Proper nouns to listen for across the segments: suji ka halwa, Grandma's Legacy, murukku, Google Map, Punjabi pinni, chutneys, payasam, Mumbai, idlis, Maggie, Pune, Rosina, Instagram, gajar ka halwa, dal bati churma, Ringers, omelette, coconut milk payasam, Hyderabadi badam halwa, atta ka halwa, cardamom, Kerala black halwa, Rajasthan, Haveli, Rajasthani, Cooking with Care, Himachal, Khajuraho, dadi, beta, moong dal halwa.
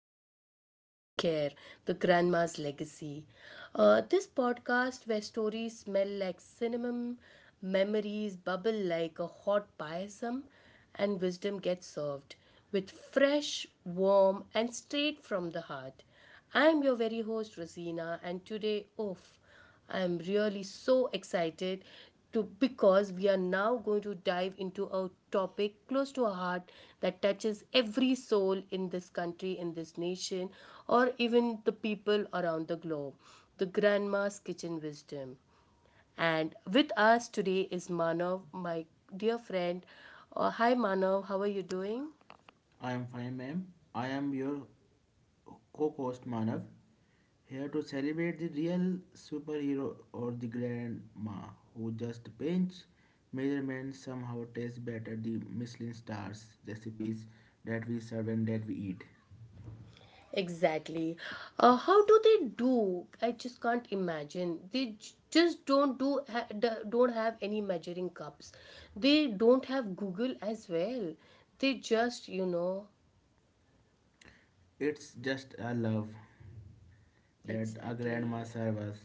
back to Cooking with Care, the Grandma's Legacy. This podcast where stories smell like cinnamon, memories bubble like a hot payasam, and wisdom gets served with fresh, warm, and straight from the heart. I'm your very host, Rosina, and today, oof. I am really so excited to because we are now going to dive into a topic close to our heart that touches every soul in this country, in this nation, or even the people around the globe. The grandma's kitchen wisdom. And with us today is Manav, my dear friend. Hi Manav, how are you doing? I am fine, ma'am. I am your co-host Manav, here to celebrate the real superhero or the grandma who just pinch measurements somehow tastes better the Michelin stars recipes that we serve and that we eat. Exactly. How do they do? I just can't imagine. They just don't do ha- d- don't have any measuring cups. They don't have Google as well. They just, It's just a love that a grandma exactly. serves us.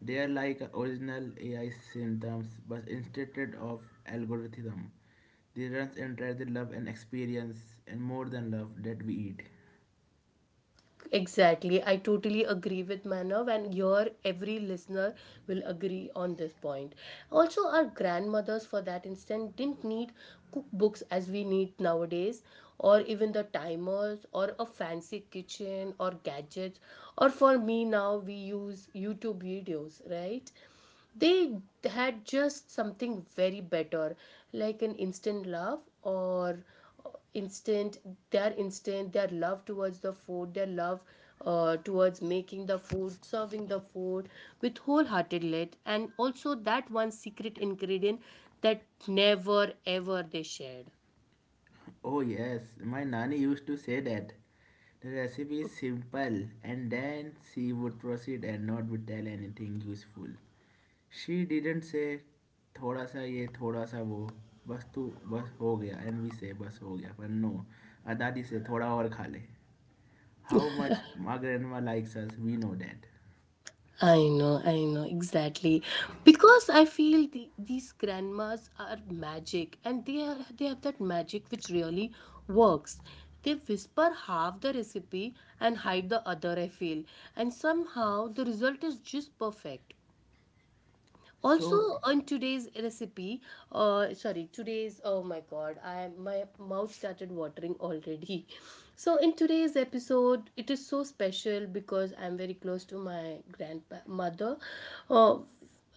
They are like original AI symptoms, but instead of algorithm, they runs and try the love and experience and more than love that we eat. Exactly. I totally agree with Manav, and your every listener will agree on this point. Also, our grandmothers, for that instant, didn't need cookbooks as we need nowadays, or even the timers, or a fancy kitchen, or gadgets, or for me now, we use YouTube videos, right? They had just something very better, like an instant love, or instant instant their love towards the food, their love towards making the food, serving the food with wholehearted let, and also that one secret ingredient that never ever they shared. Oh, yes, my nanny used to say that. The recipe is simple, and then she would proceed and not would tell anything useful. She didn't say थोड़ा सा ये थोड़ा सा वो बस तू बस हो गया एंड वी से बस हो गया पर नो दादी से थोड़ा और खा ले how much my grandma likes us we know that. I know, exactly. Because I feel the, these grandmas are magic, and they, are, they have that magic which really works. They whisper half the recipe and hide the other, I feel. And somehow the result is just perfect. So Also, on today's recipe, sorry, today's, oh my God, I my mouth started watering already. So in today's episode, it is so special because I'm very close to my grandmother. Uh,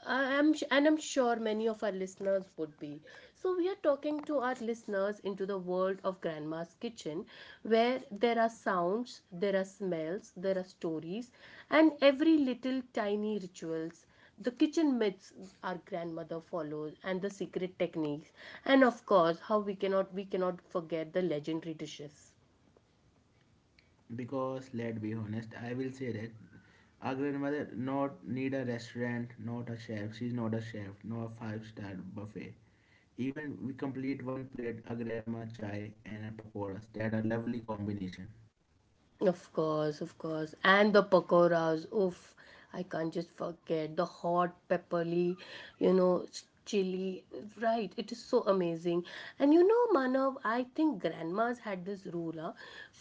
and I'm sure many of our listeners would be. So we are talking to our listeners into the world of grandma's kitchen, where there are sounds, there are smells, there are stories, and every little tiny rituals. The kitchen myths our grandmother follows, and the secret techniques, and of course how we cannot forget the legendary dishes. Because let's be honest, I will say that our grandmother not need a restaurant, not a chef. She's not a chef, no a five-star buffet. Even we complete one plate a grandma chai and a pakoras. That a lovely combination. Of course, of course. And the pakoras. Oof, I can't just forget the hot, pepperly, chili. Right, it is so amazing. And you know, Manav, I think grandmas had this rule. Huh?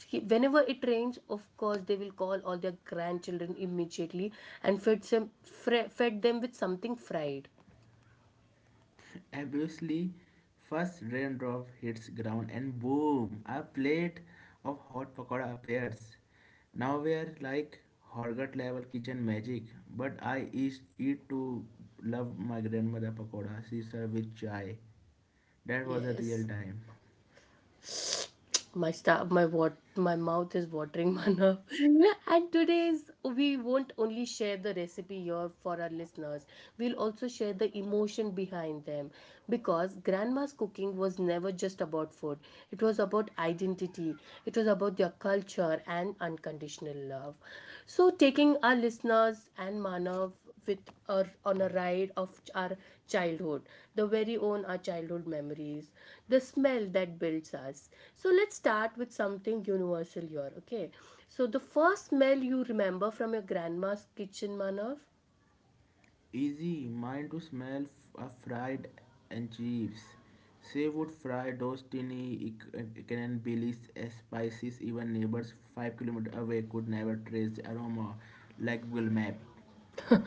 Whenever it rains, of course, they will call all their grandchildren immediately and fed them with something fried. Obviously, first raindrop hits ground and boom, a plate of hot pakoda appears. Now we are like Horgat level kitchen magic, but I is eat to love my grandmother pakoda. She served with chai. That was a real Yes. time. My stuff, my what, my mouth is watering, Manav. And today's we won't only share the recipe here for our listeners. We'll also share the emotion behind them, because grandma's cooking was never just about food. It was about identity. It was about their culture and unconditional love. So, taking our listeners and Manav with or on a ride of our childhood, the very own our childhood memories, the smell that builds us. So let's start with something universal here, okay. So the first smell you remember from your grandma's kitchen, Manav? Easy, mine to smell a fried and chips. Seafood fry those tiny can billies, spices, even neighbors 5 kilometers away could never trace the aroma like Google Map.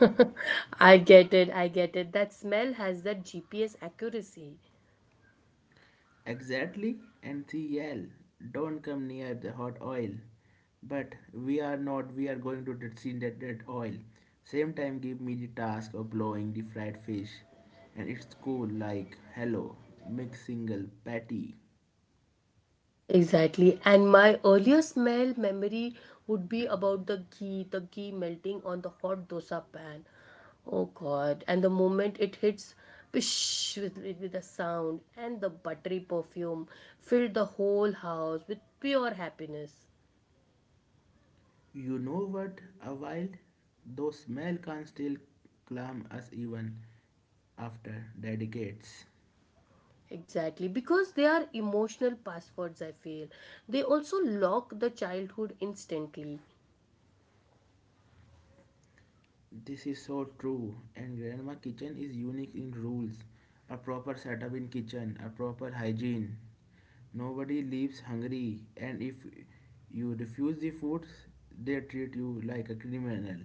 I get it, I get it, that smell has that GPS accuracy. Exactly, and CL, don't come near the hot oil. But we are not, we are going to see that oil. Same time, give me the task of blowing the fried fish. And it's cool, like, hello, mix single patty. Exactly. And my earlier smell memory would be about the ghee melting on the hot dosa pan. Oh God. And the moment it hits, pish, with a sound, and the buttery perfume filled the whole house with pure happiness. You know what? A while, though smell can still calm us even after decades. Exactly, because they are emotional passwords, I feel. They also lock the childhood instantly. This is so true. And grandma kitchen is unique in rules. A proper setup in kitchen, a proper hygiene. Nobody leaves hungry, and if you refuse the food, they treat you like a criminal.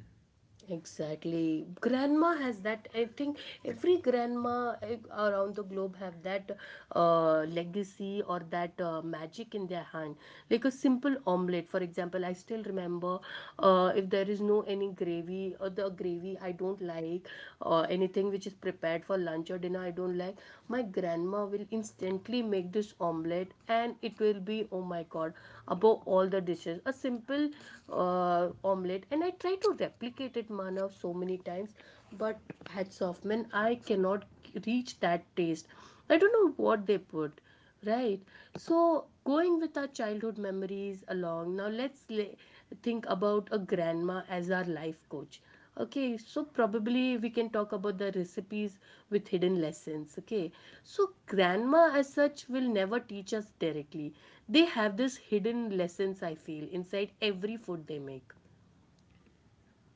Exactly. Grandma has that. I think every grandma around the globe have that legacy, or that magic in their hand. Like a simple omelette, for example, I still remember, if there is no any gravy, or the gravy I don't like, or anything which is prepared for lunch or dinner I don't like, my grandma will instantly make this omelette, and it will be, oh my God, above all the dishes. A simple omelette. And I try to replicate it, Manav, so many times, but hats off, man, I cannot reach that taste. I don't know what they put, right. So, going with our childhood memories along, now think about a grandma as our life coach, okay. So probably we can talk about the recipes with hidden lessons, okay. So grandma as such will never teach us directly. They have this hidden lessons, I feel, inside every food they make.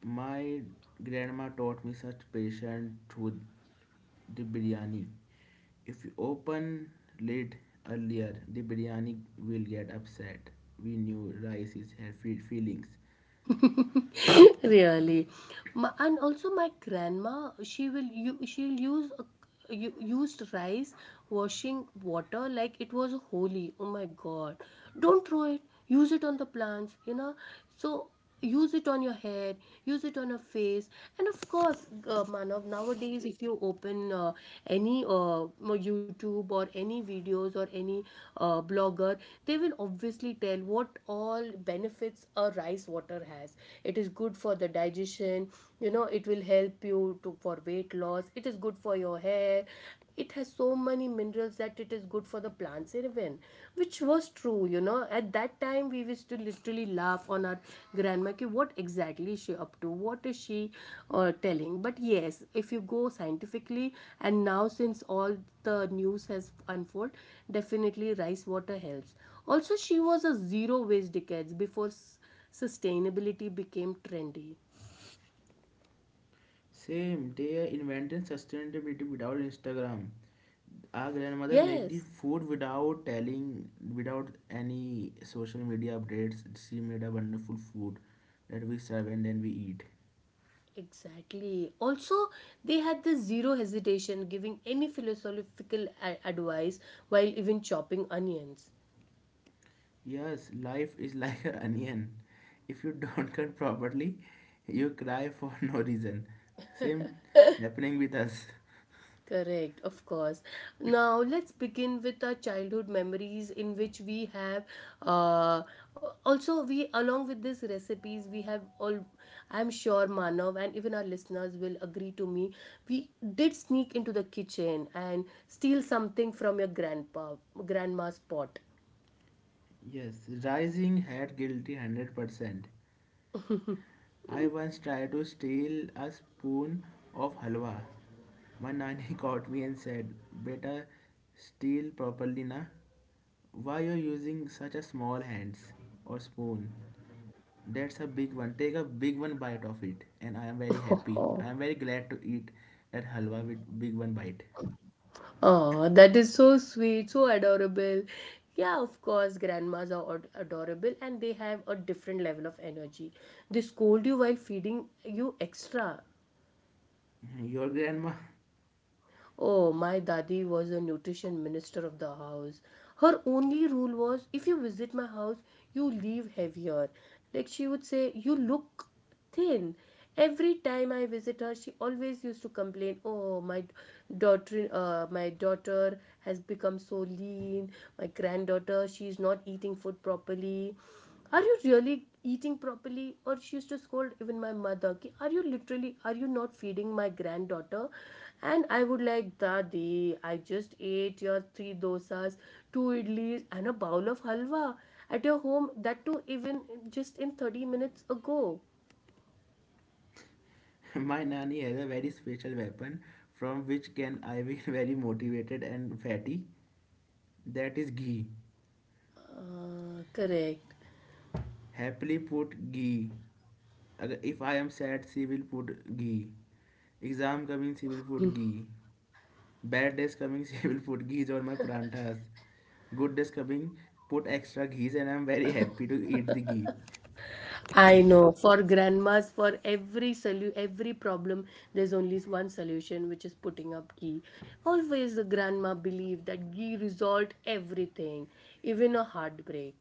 My grandma taught me such patience through the biryani. If you open lid earlier, the biryani will get upset. We knew rice is her feelings. Really? And also my grandma, she will you she'll used rice washing water like it was holy. Oh my God, don't throw it, use it on the plants, you know. So use it on your head, use it on your face. And of course, Manav, nowadays if you open any YouTube, or any videos, or any blogger, they will obviously tell what all benefits a rice water has. It is good for the digestion, you know, it will help you to for weight loss, it is good for your hair, it has so many minerals that it is good for the plants even. Which was true, you know. At that time we used to literally laugh on our grandma ki, what exactly is she up to, what is she telling. But yes, if you go scientifically, and now since all the news has unfold, definitely rice water helps. Also, she was a zero waste decades before sustainability became trendy. Same, they invented sustainability without Instagram. Our grandmother make the Yes. food without telling, without any social media updates. She made a wonderful food that we serve and then we eat. Exactly. Also, they had this zero hesitation giving any philosophical advice while even chopping onions. Yes, life is like an onion. If you don't cut properly, you cry for no reason. Same happening with us. Correct, of course. Now, let's begin with our childhood memories in which we have, uh, also we along with these recipes we have all, I'm sure Manav and even our listeners will agree to me. We did sneak into the kitchen and steal something from your grandpa grandma's pot. Yes, rising head guilty 100%. I once tried to steal a spoon of halwa. My nanny caught me and said, Beta, steal properly na. Why you're using such a small hands or spoon? That's a big one. Take a big one bite of it, and I am very happy. I am very glad to eat that halwa with big one bite. Oh, that is so sweet, so adorable. Yeah, of course, grandmas are adorable, and they have a different level of energy. They scold you while feeding you extra. Your grandma, Oh, my daddy was a nutrition minister of the house. Her only rule was if you visit my house, you leave heavier. Like she would say, you look thin. Every time I visit her, she always used to complain, "Oh, my daughter has become so lean. My granddaughter, she's not eating food properly." Are you really eating properly? Or she used to scold even my mother ki, are you literally, are you not feeding my granddaughter? And I would like, Dadi, I just ate your three dosas, two idlis, and a bowl of halwa at your home, that too even just in 30 minutes ago. my nanny, has a very special weapon from which can I be very motivated and fatty. That is ghee. Correct. Happily put ghee. अगर if I am sad she will put ghee, exam coming she will put ghee, bad days coming she will put ghee on my paranthas, good days coming put extra ghee, and I'm very happy to eat the ghee. I know, for grandmas, for every every problem, there's only one solution, which is putting up ghee. Always the grandma believed that ghee resolved everything, even a heartbreak.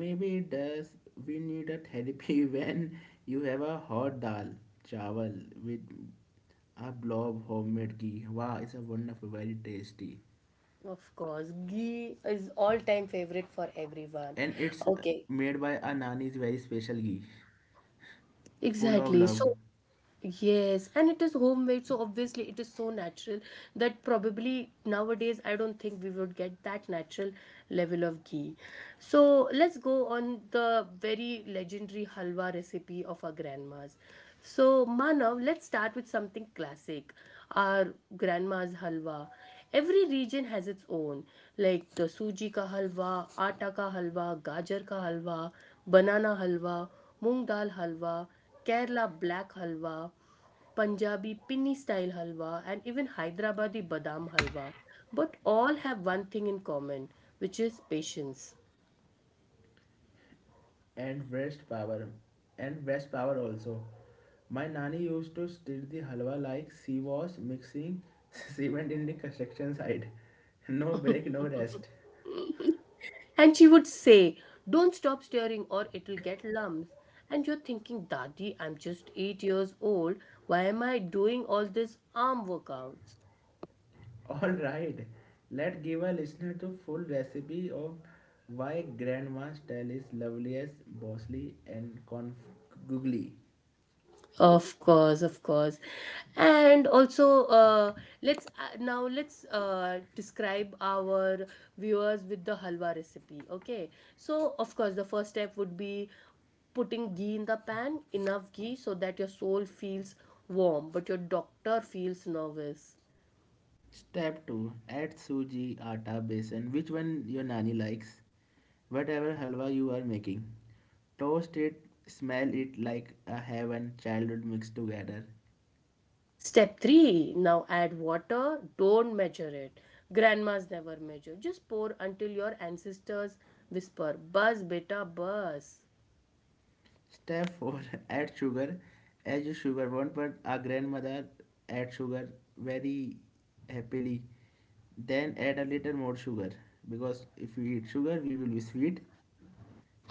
Maybe it does. We need a therapy when you have a hot dal chawal with a blob homemade ghee. Wow, it's a wonderful very tasty. Of course, ghee is all time favorite for everyone. And it's Okay, made by a nani's very special ghee, full of exactly. love. So, yes, and it is homemade, so obviously it is so natural that probably nowadays I don't think we would get that natural level of ghee. So let's go on the very legendary halwa recipe of our grandmas. So, Manav, let's start with something classic, our grandma's halwa. Every region has its own, like the suji ka halwa, atta ka halwa, gajar ka halwa, banana halwa, moong dal halwa, Kerala black halwa, Punjabi pinni style halwa, and even Hyderabadi badam halwa. But all have one thing in common, which is patience. And waste power, also my nanny used to stir the halwa like she was mixing cement in the construction site, no break no rest. And she would say, don't stop stirring or it'll get lumps. And you're thinking, Dadi, I'm just 8 years old. Why am I doing all these arm workouts? All right, let's give a listener to full recipe of why grandma's style is loveliest bossy and googly. Of course, of course. And also, let's now let's describe our viewers with the halwa recipe. Okay. So, of course, the first step would be putting ghee in the pan, enough ghee so that your soul feels warm, but your doctor feels nervous. Step 2. Add suji, atta, besan, which one your nani likes. Whatever halwa you are making. Toast it, smell it like a heaven childhood mixed together. Step three, now add water. Don't measure it. Grandmas never measure. Just pour until your ancestors whisper, Buzz, beta, buzz. Step 4. Add sugar as you sugar want, but our grandmother add sugar very happily. Then add a little more sugar because if we eat sugar, we will be sweet.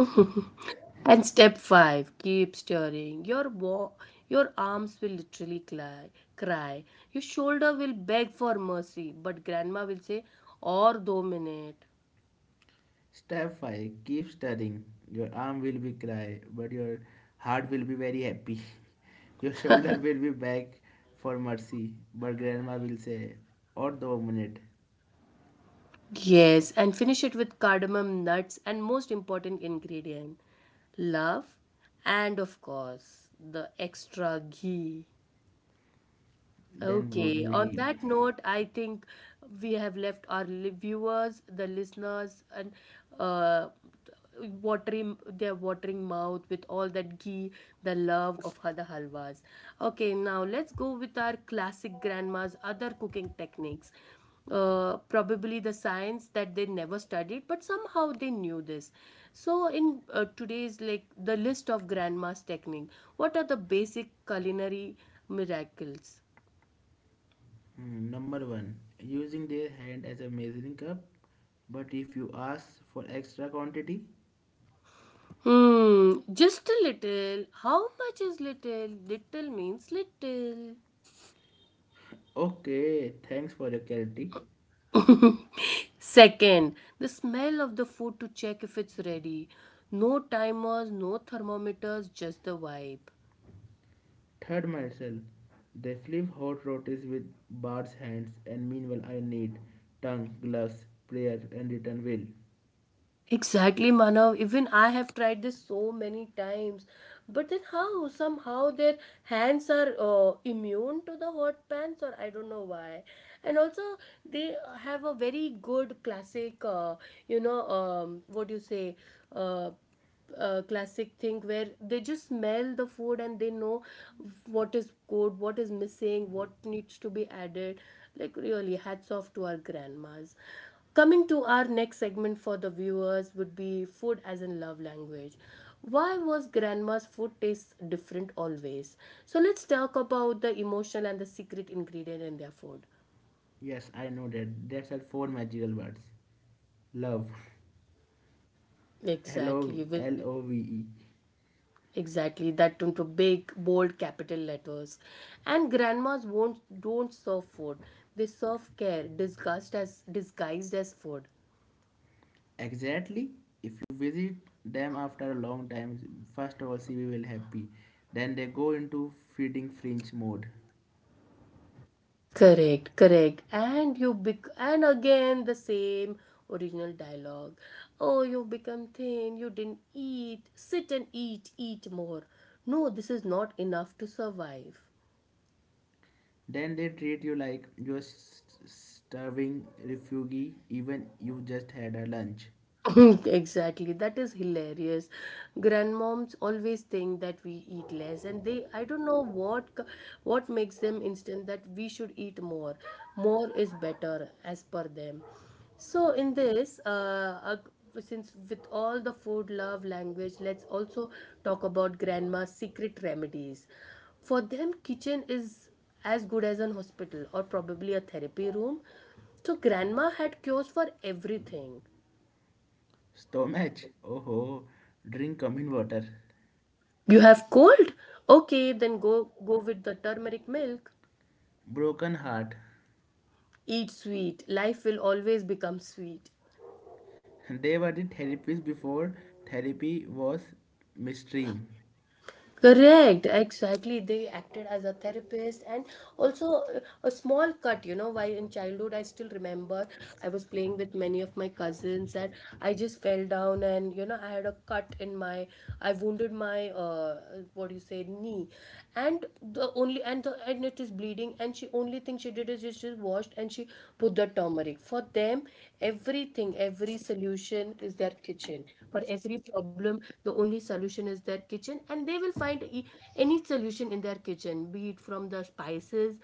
And step five, keep stirring. Your arms will literally cry. Your shoulder will beg for mercy, but grandma will say, or do minute. Step 5. Keep studying. Your arm will be cry, but your heart will be very happy. Your shoulder will be back for mercy, but grandma will say, or the minute, Yes, and finish it with cardamom nuts, and most important ingredient, love, and of course, the extra ghee. then would Okay, we on heap. that note, I think we have left our viewers, the listeners, and, uh, watering mouth with all that ghee, the love of other halwas. Okay, now let's go with our classic grandma's other cooking techniques. Probably the science that they never studied, but somehow they knew this. So, in today's like the list of grandma's technique, what are the basic culinary miracles? Hmm, number 1. Using their hand as a measuring cup, but if you ask for extra quantity, Hmm, just a little. How much is little? Little means little. okay, thanks for your clarity. Second, the smell of the food to check if it's ready. No timers, no thermometers, just the vibe. Third myself. They flip hot rotis with Bart's hands, and meanwhile I need tongue, gloves, prayer, and return will. Exactly, Manav. Even I have tried this so many times. But then, how? Somehow their hands are immune to the hot pans, or I don't know why. And also, they have a very good classic, you know, what do you say? Uh, classic thing where they just smell the food and they know what is good, what is missing, what needs to be added. Like, really, hats off to our grandmas. Coming to our next segment for the viewers would be food as in love language. Why was grandma's food taste different always? So let's talk about the emotional and the secret ingredient in their food. Yes, I know that. That's are four magical words. Love. L O Exactly. With L O V E. exactly, that into big, bold capital letters. And grandmas won't don't serve food. They serve care, disguised as food. Exactly. If you visit them after a long time, first of all, see we will happy. Then they go into feeding fringe mode. Correct, correct. And and again the same original dialogue. Oh, you become thin, you didn't eat. Sit and eat, eat more. No, this is not enough to survive. Then they treat you like you're starving refugee, even you just had a lunch. Exactly, that is hilarious. Grandmoms always think that we eat less and they, I don't know what makes them instant that we should eat more. More is better as per them. So in this since with all the food love language, let's also talk about grandma's secret remedies. For them kitchen is as good as an hospital or probably a therapy room. So grandma had cures for everything. Stomach. Oh, ho. Drink common water. You have cold? Okay, then go with the turmeric milk. Broken heart. Eat sweet. Life will always become sweet. They were the therapists before therapy was mainstream. Correct, exactly. They acted as a therapist and also a small cut, you know, while in childhood, I still remember I was playing with many of my cousins and I just fell down and, you know, I had a cut in my, I wounded my, what do you say, knee. And the only, and the, and it is bleeding. And she, only thing she did is she just washed and she put the turmeric. For them, everything, every solution is their kitchen. For every problem, the only solution is their kitchen and they will find any solution in their kitchen, be it from the spices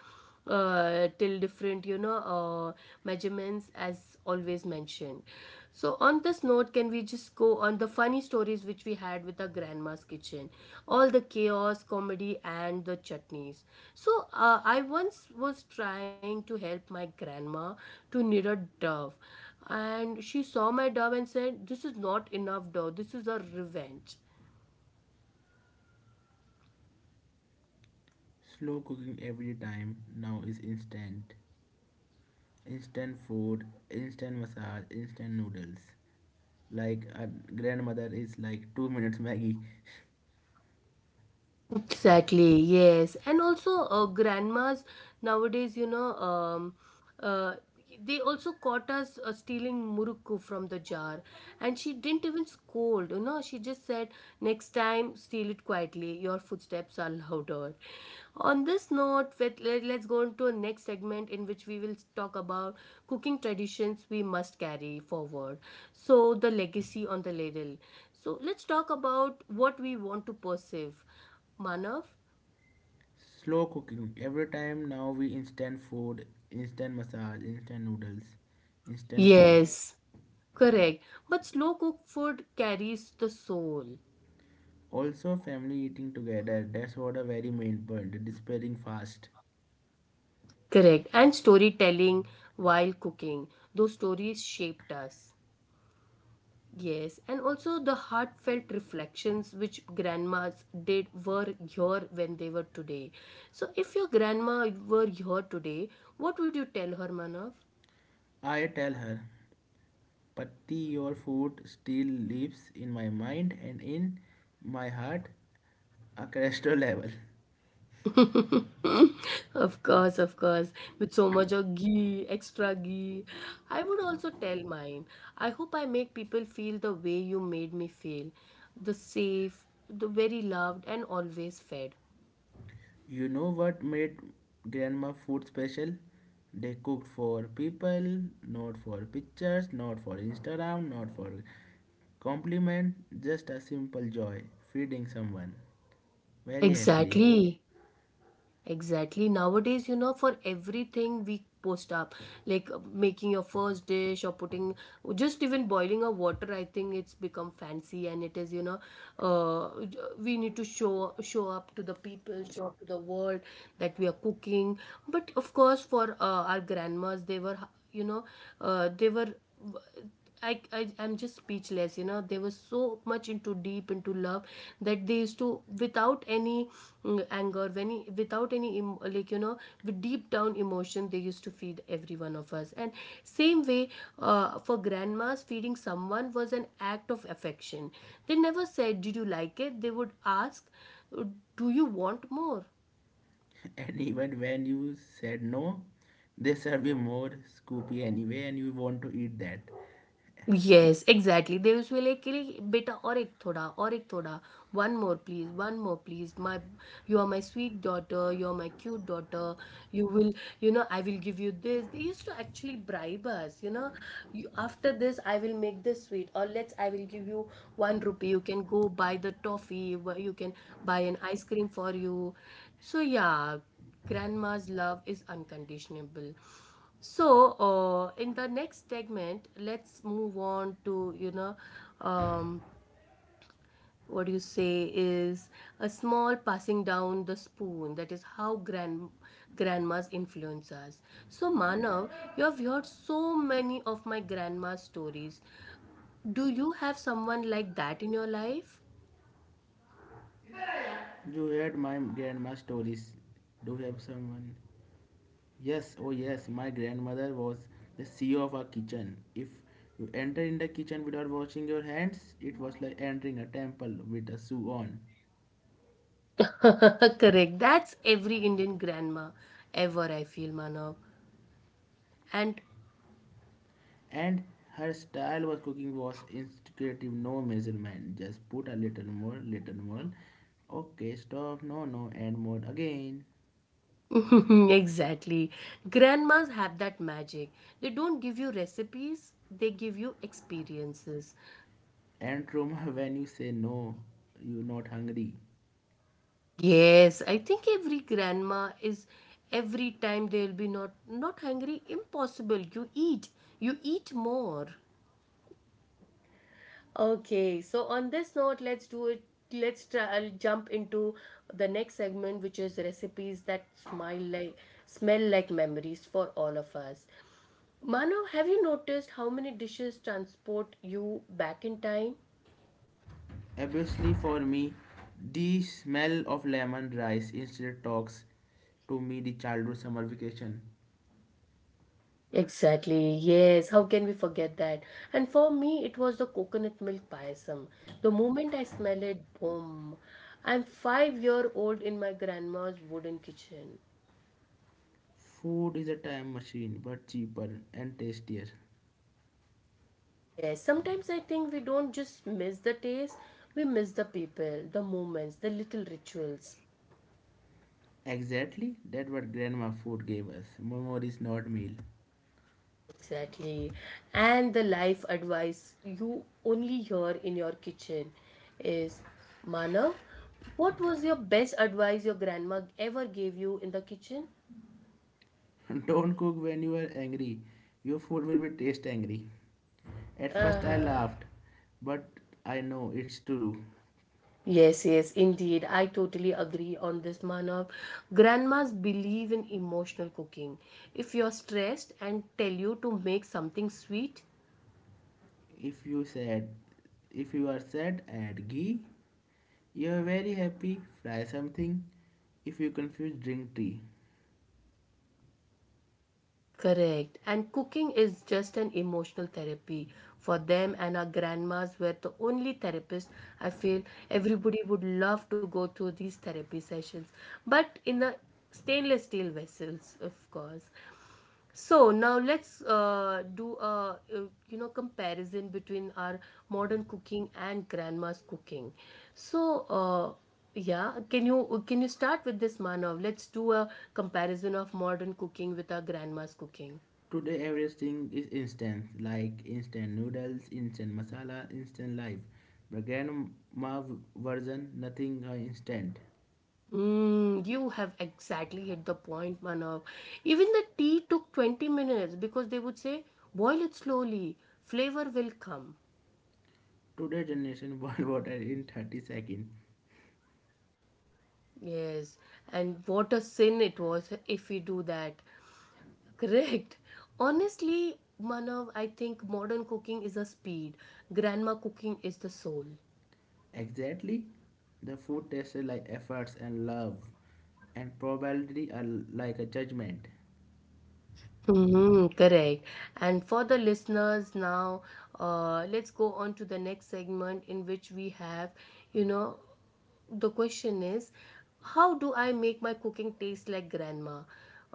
till different, measurements as always mentioned. So, on this note, can we just go on the funny stories which we had with our grandma's kitchen? All the chaos, comedy, and the chutneys. So, I once was trying to help my grandma to knit a dove, and she saw my dove and said, "This is not enough dove, this is a revenge." Slow cooking every time now is instant. Instant food, instant massage, instant noodles. Like our grandmother is like 2 minutes Maggie. Exactly, yes. And also, grandmas nowadays, uh, they also caught us stealing murukku from the jar. And she didn't even scold, you know, she just said, "Next time, steal it quietly. Your footsteps are louder." On this note, let's go into a next segment in which we will talk about cooking traditions we must carry forward. So, the legacy on the ladle. So, let's talk about what we want to perceive. Manav? Slow cooking every time now we instant food, instant massage, instant noodles, instant food. Yes, correct. But slow cooked food carries the soul. Also, family eating together, that's what a very main point, despairing fast. Correct. And storytelling while cooking. Those stories shaped us. Yes, and also the heartfelt reflections which grandmas did were here when they were today. So, if your grandma were here today, what would you tell her, Manav? I tell her, Patti, your food still lives in my mind and in my heart, a cholesterol level. Of course, of course. With so much of ghee, extra ghee. I would also tell mine. I hope I make people feel the way you made me feel. The safe, the very loved, and always fed. You know what made grandma food special? They cooked for people, not for pictures, not for Instagram, not for compliment, just a simple joy, feeding someone very happily. Exactly. Exactly. Nowadays, you know, for everything we post up, like making your first dish or putting just even boiling a water, I think it's become fancy and it is, you know, we need to show up to the people, show up to the world that we are cooking. But of course, for our grandmas, they were, you know, they were uh, I, I'm just speechless. You know, they were so much into deep into love that they used to, without any anger without any like you know, with deep down emotion, they used to feed every one of us. And same way, for grandmas feeding someone was an act of affection. They never said did you like it, they would ask do you want more. And even when you said no, they serve you more scoopy anyway, and you want to eat that. Yes, exactly. They usually like, "Kili, beta और एक थोड़ा one more please, one more please, my you are my sweet daughter, you are my cute daughter, you will, you know, I will give you this." They used to actually bribe us, you know, "You, after this I will make this sweet, or let's I will give you one rupee, you can go buy the toffee, you can buy an ice cream for you." So yeah, grandma's love is unconditionable. So, in the next segment, let's move on to, you know, um, what do you say is a small passing down the spoon. That is how grandmas influence us. So, Manav, you have heard so many of my grandma stories. Do you have someone like that in your life? You heard my grandma's stories. Do you have someone? Yes, oh yes, my grandmother was the CEO of our kitchen. If you enter in the kitchen without washing your hands, it was like entering a temple with a shoe on. Correct. That's every Indian grandma ever, I feel, Manav. And And her style of cooking was instinctive, no measurement. Just put a little more, little more. Okay, stop, no, no, and more again. exactly. Grandmas have that magic. They don't give you recipes, they give you experiences. And trauma when you say no, you're not hungry. Yes, I think every grandma is every time they'll be not hungry, impossible. You eat. You eat more. Okay, so on this note, let's do it. Let's try, I'll jump into the next segment, which is recipes that smile like smell like memories for all of us. Manav, have you noticed how many dishes transport you back in time? Obviously, for me, the smell of lemon rice instead talks to me the childhood summer vacation. Exactly, yes, how can we forget that? And for me, it was the coconut milk payasam. The moment I smell it, boom, I'm 5 year old in my grandma's wooden kitchen. Food is a time machine, but cheaper and tastier. Yes, sometimes I think we don't just miss the taste, we miss the people, the moments, the little rituals. Exactly, that what grandma food gave us. Memories, not meal. Exactly. And the life advice you only hear in your kitchen is Manav, what was your best advice your grandma ever gave you in the kitchen? Don't cook when you are angry. Your food will be taste angry. At first I Uh, laughed, but I know it's true. yes, yes, indeed. I totally agree on this, Manav. Grandmas believe in emotional cooking. If you're stressed and tell you to make something sweet, If you said if you are sad, add ghee. You are very happy, fry something. If you confuse drink tea. correct. And cooking is just an emotional therapy for them, and our grandmas were the only therapists. I feel everybody would love to go through these therapy sessions, but in the stainless steel vessels, of course. So now let's do a comparison between our modern cooking and grandma's cooking. So. Yeah, can you start with this, Manav? Let's do a comparison of modern cooking with our grandma's cooking. Today everything is instant, like instant noodles, instant masala, instant life. But grandma version, nothing are instant. Mm, you have exactly hit the point, Manav. Even the tea took 20 minutes because they would say, boil it slowly, flavor will come. Today generation boil water in 30 seconds. Yes, and what a sin it was if we do that. Correct. Honestly, Manav, I think modern cooking is a speed, grandma cooking is the soul. Exactly, the food tasted like efforts and love, and probably a, like a judgment. Mm-hmm, correct. And for the listeners now, let's go on to the next segment in which we have, you know, the question is, how do I make my cooking taste like grandma?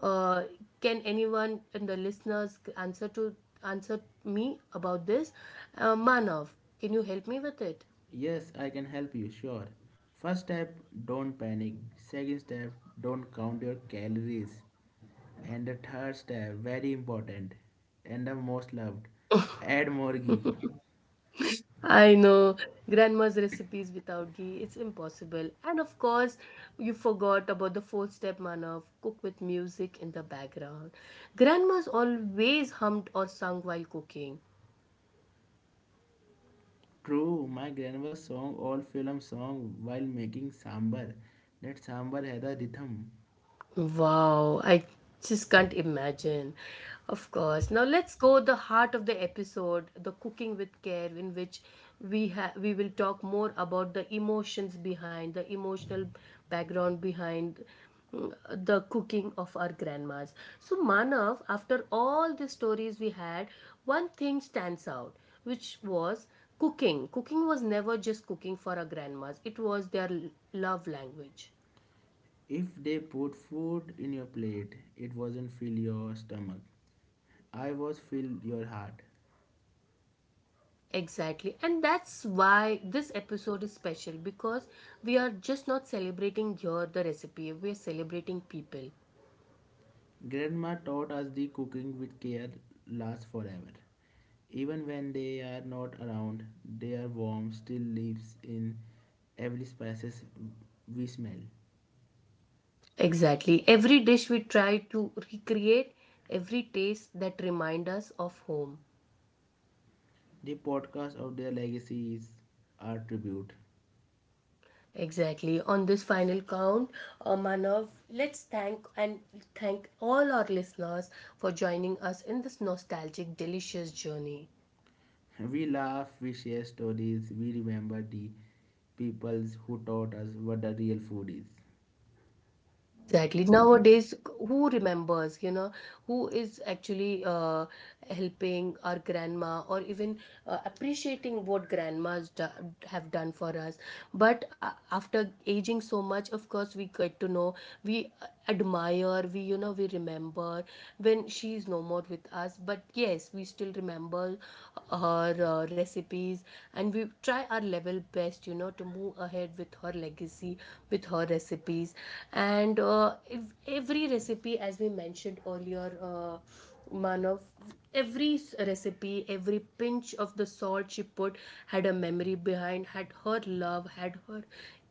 Uh, can anyone in the listeners answer me about this? Manav, can you help me with it? Yes, I can help you, sure. First step, don't panic. Second step, don't count your calories. And the third step, very important, and the most loved, add more ghee. I know grandma's recipes without ghee, it's impossible. And of course, you forgot about the fourth step manner of cook with music in the background. Grandma's always hummed or sung while cooking. True, my grandma sang all film song while making sambar. That sambar had a rhythm. Wow, I just can't imagine. Of course. Now let's go the heart of the episode, the cooking with care, in which we will talk more about the emotions behind, the emotional background behind mm, the cooking of our grandmas. So Manav, after all the stories we had, one thing stands out, which was cooking. Cooking was never just cooking for our grandmas. It was love language. If they put food in your plate, it wasn't fill your stomach. I was fill your heart. Exactly. And that's why this episode is special because we are just not celebrating here the recipe, we are celebrating people. Grandma taught us the cooking with care lasts forever. Even when they are not around, their warmth still lives in every spices we smell. Exactly. Every dish we try to recreate, every taste that remind us of home. The podcast of their legacy is our tribute. Exactly. On this final count, Manav, let's thank and thank all our listeners for joining us in this nostalgic, delicious journey. We laugh, we share stories, we remember the peoples who taught us what the real food is. Exactly. Nowadays, who remembers, you know, who is actually helping our grandma or even appreciating what have done for us. But after aging so much, of course, we get to know, we admire, we, you know, we remember when she is no more with us. But yes, we still remember her recipes and we try our level best, you know, to move ahead with her legacy, with her recipes. And every recipe, as we mentioned earlier, Manav, recipe, every pinch of the salt she put had a memory behind, had her love, had her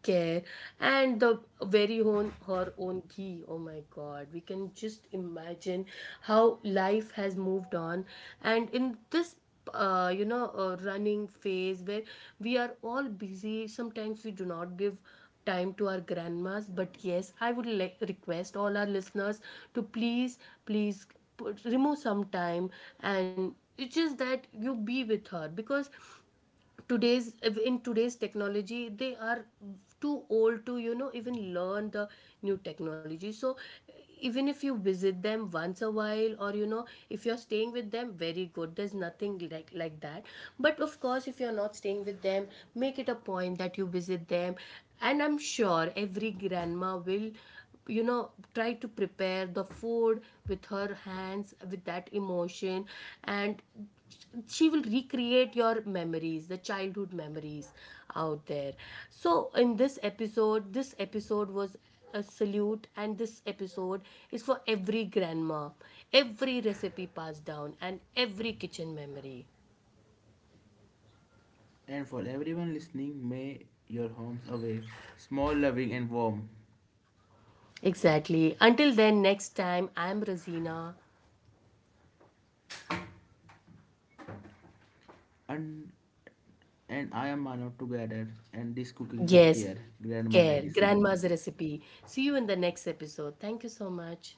care, and the very own her own ghee. Oh my God, we can just imagine how life has moved on, and in this running phase where we are all busy, sometimes we do not give time to our grandmas. But yes, I would like request all our listeners to please, please remove some time, and it's just that you be with her, because today's in today's technology they are too old to, you know, even learn the new technology. So even if you visit them once a while, or you know, if you're staying with them, very good, there's nothing like that. But of course, if you're not staying with them, make it a point that you visit them. And I'm sure every grandma will, you know, try to prepare the food with her hands, with that emotion, and she will recreate your memories, the childhood memories out there. So in this episode was a salute, and this episode is for every grandma, every recipe passed down, and every kitchen memory. And for everyone listening, may your homes away small, loving, and warm. Exactly. Until then, next time, I'm Razina. And And I am Manav together and this cooking with Yes, care, grandma care, legacy. grandma's recipe. See you in the next episode. Thank you so much.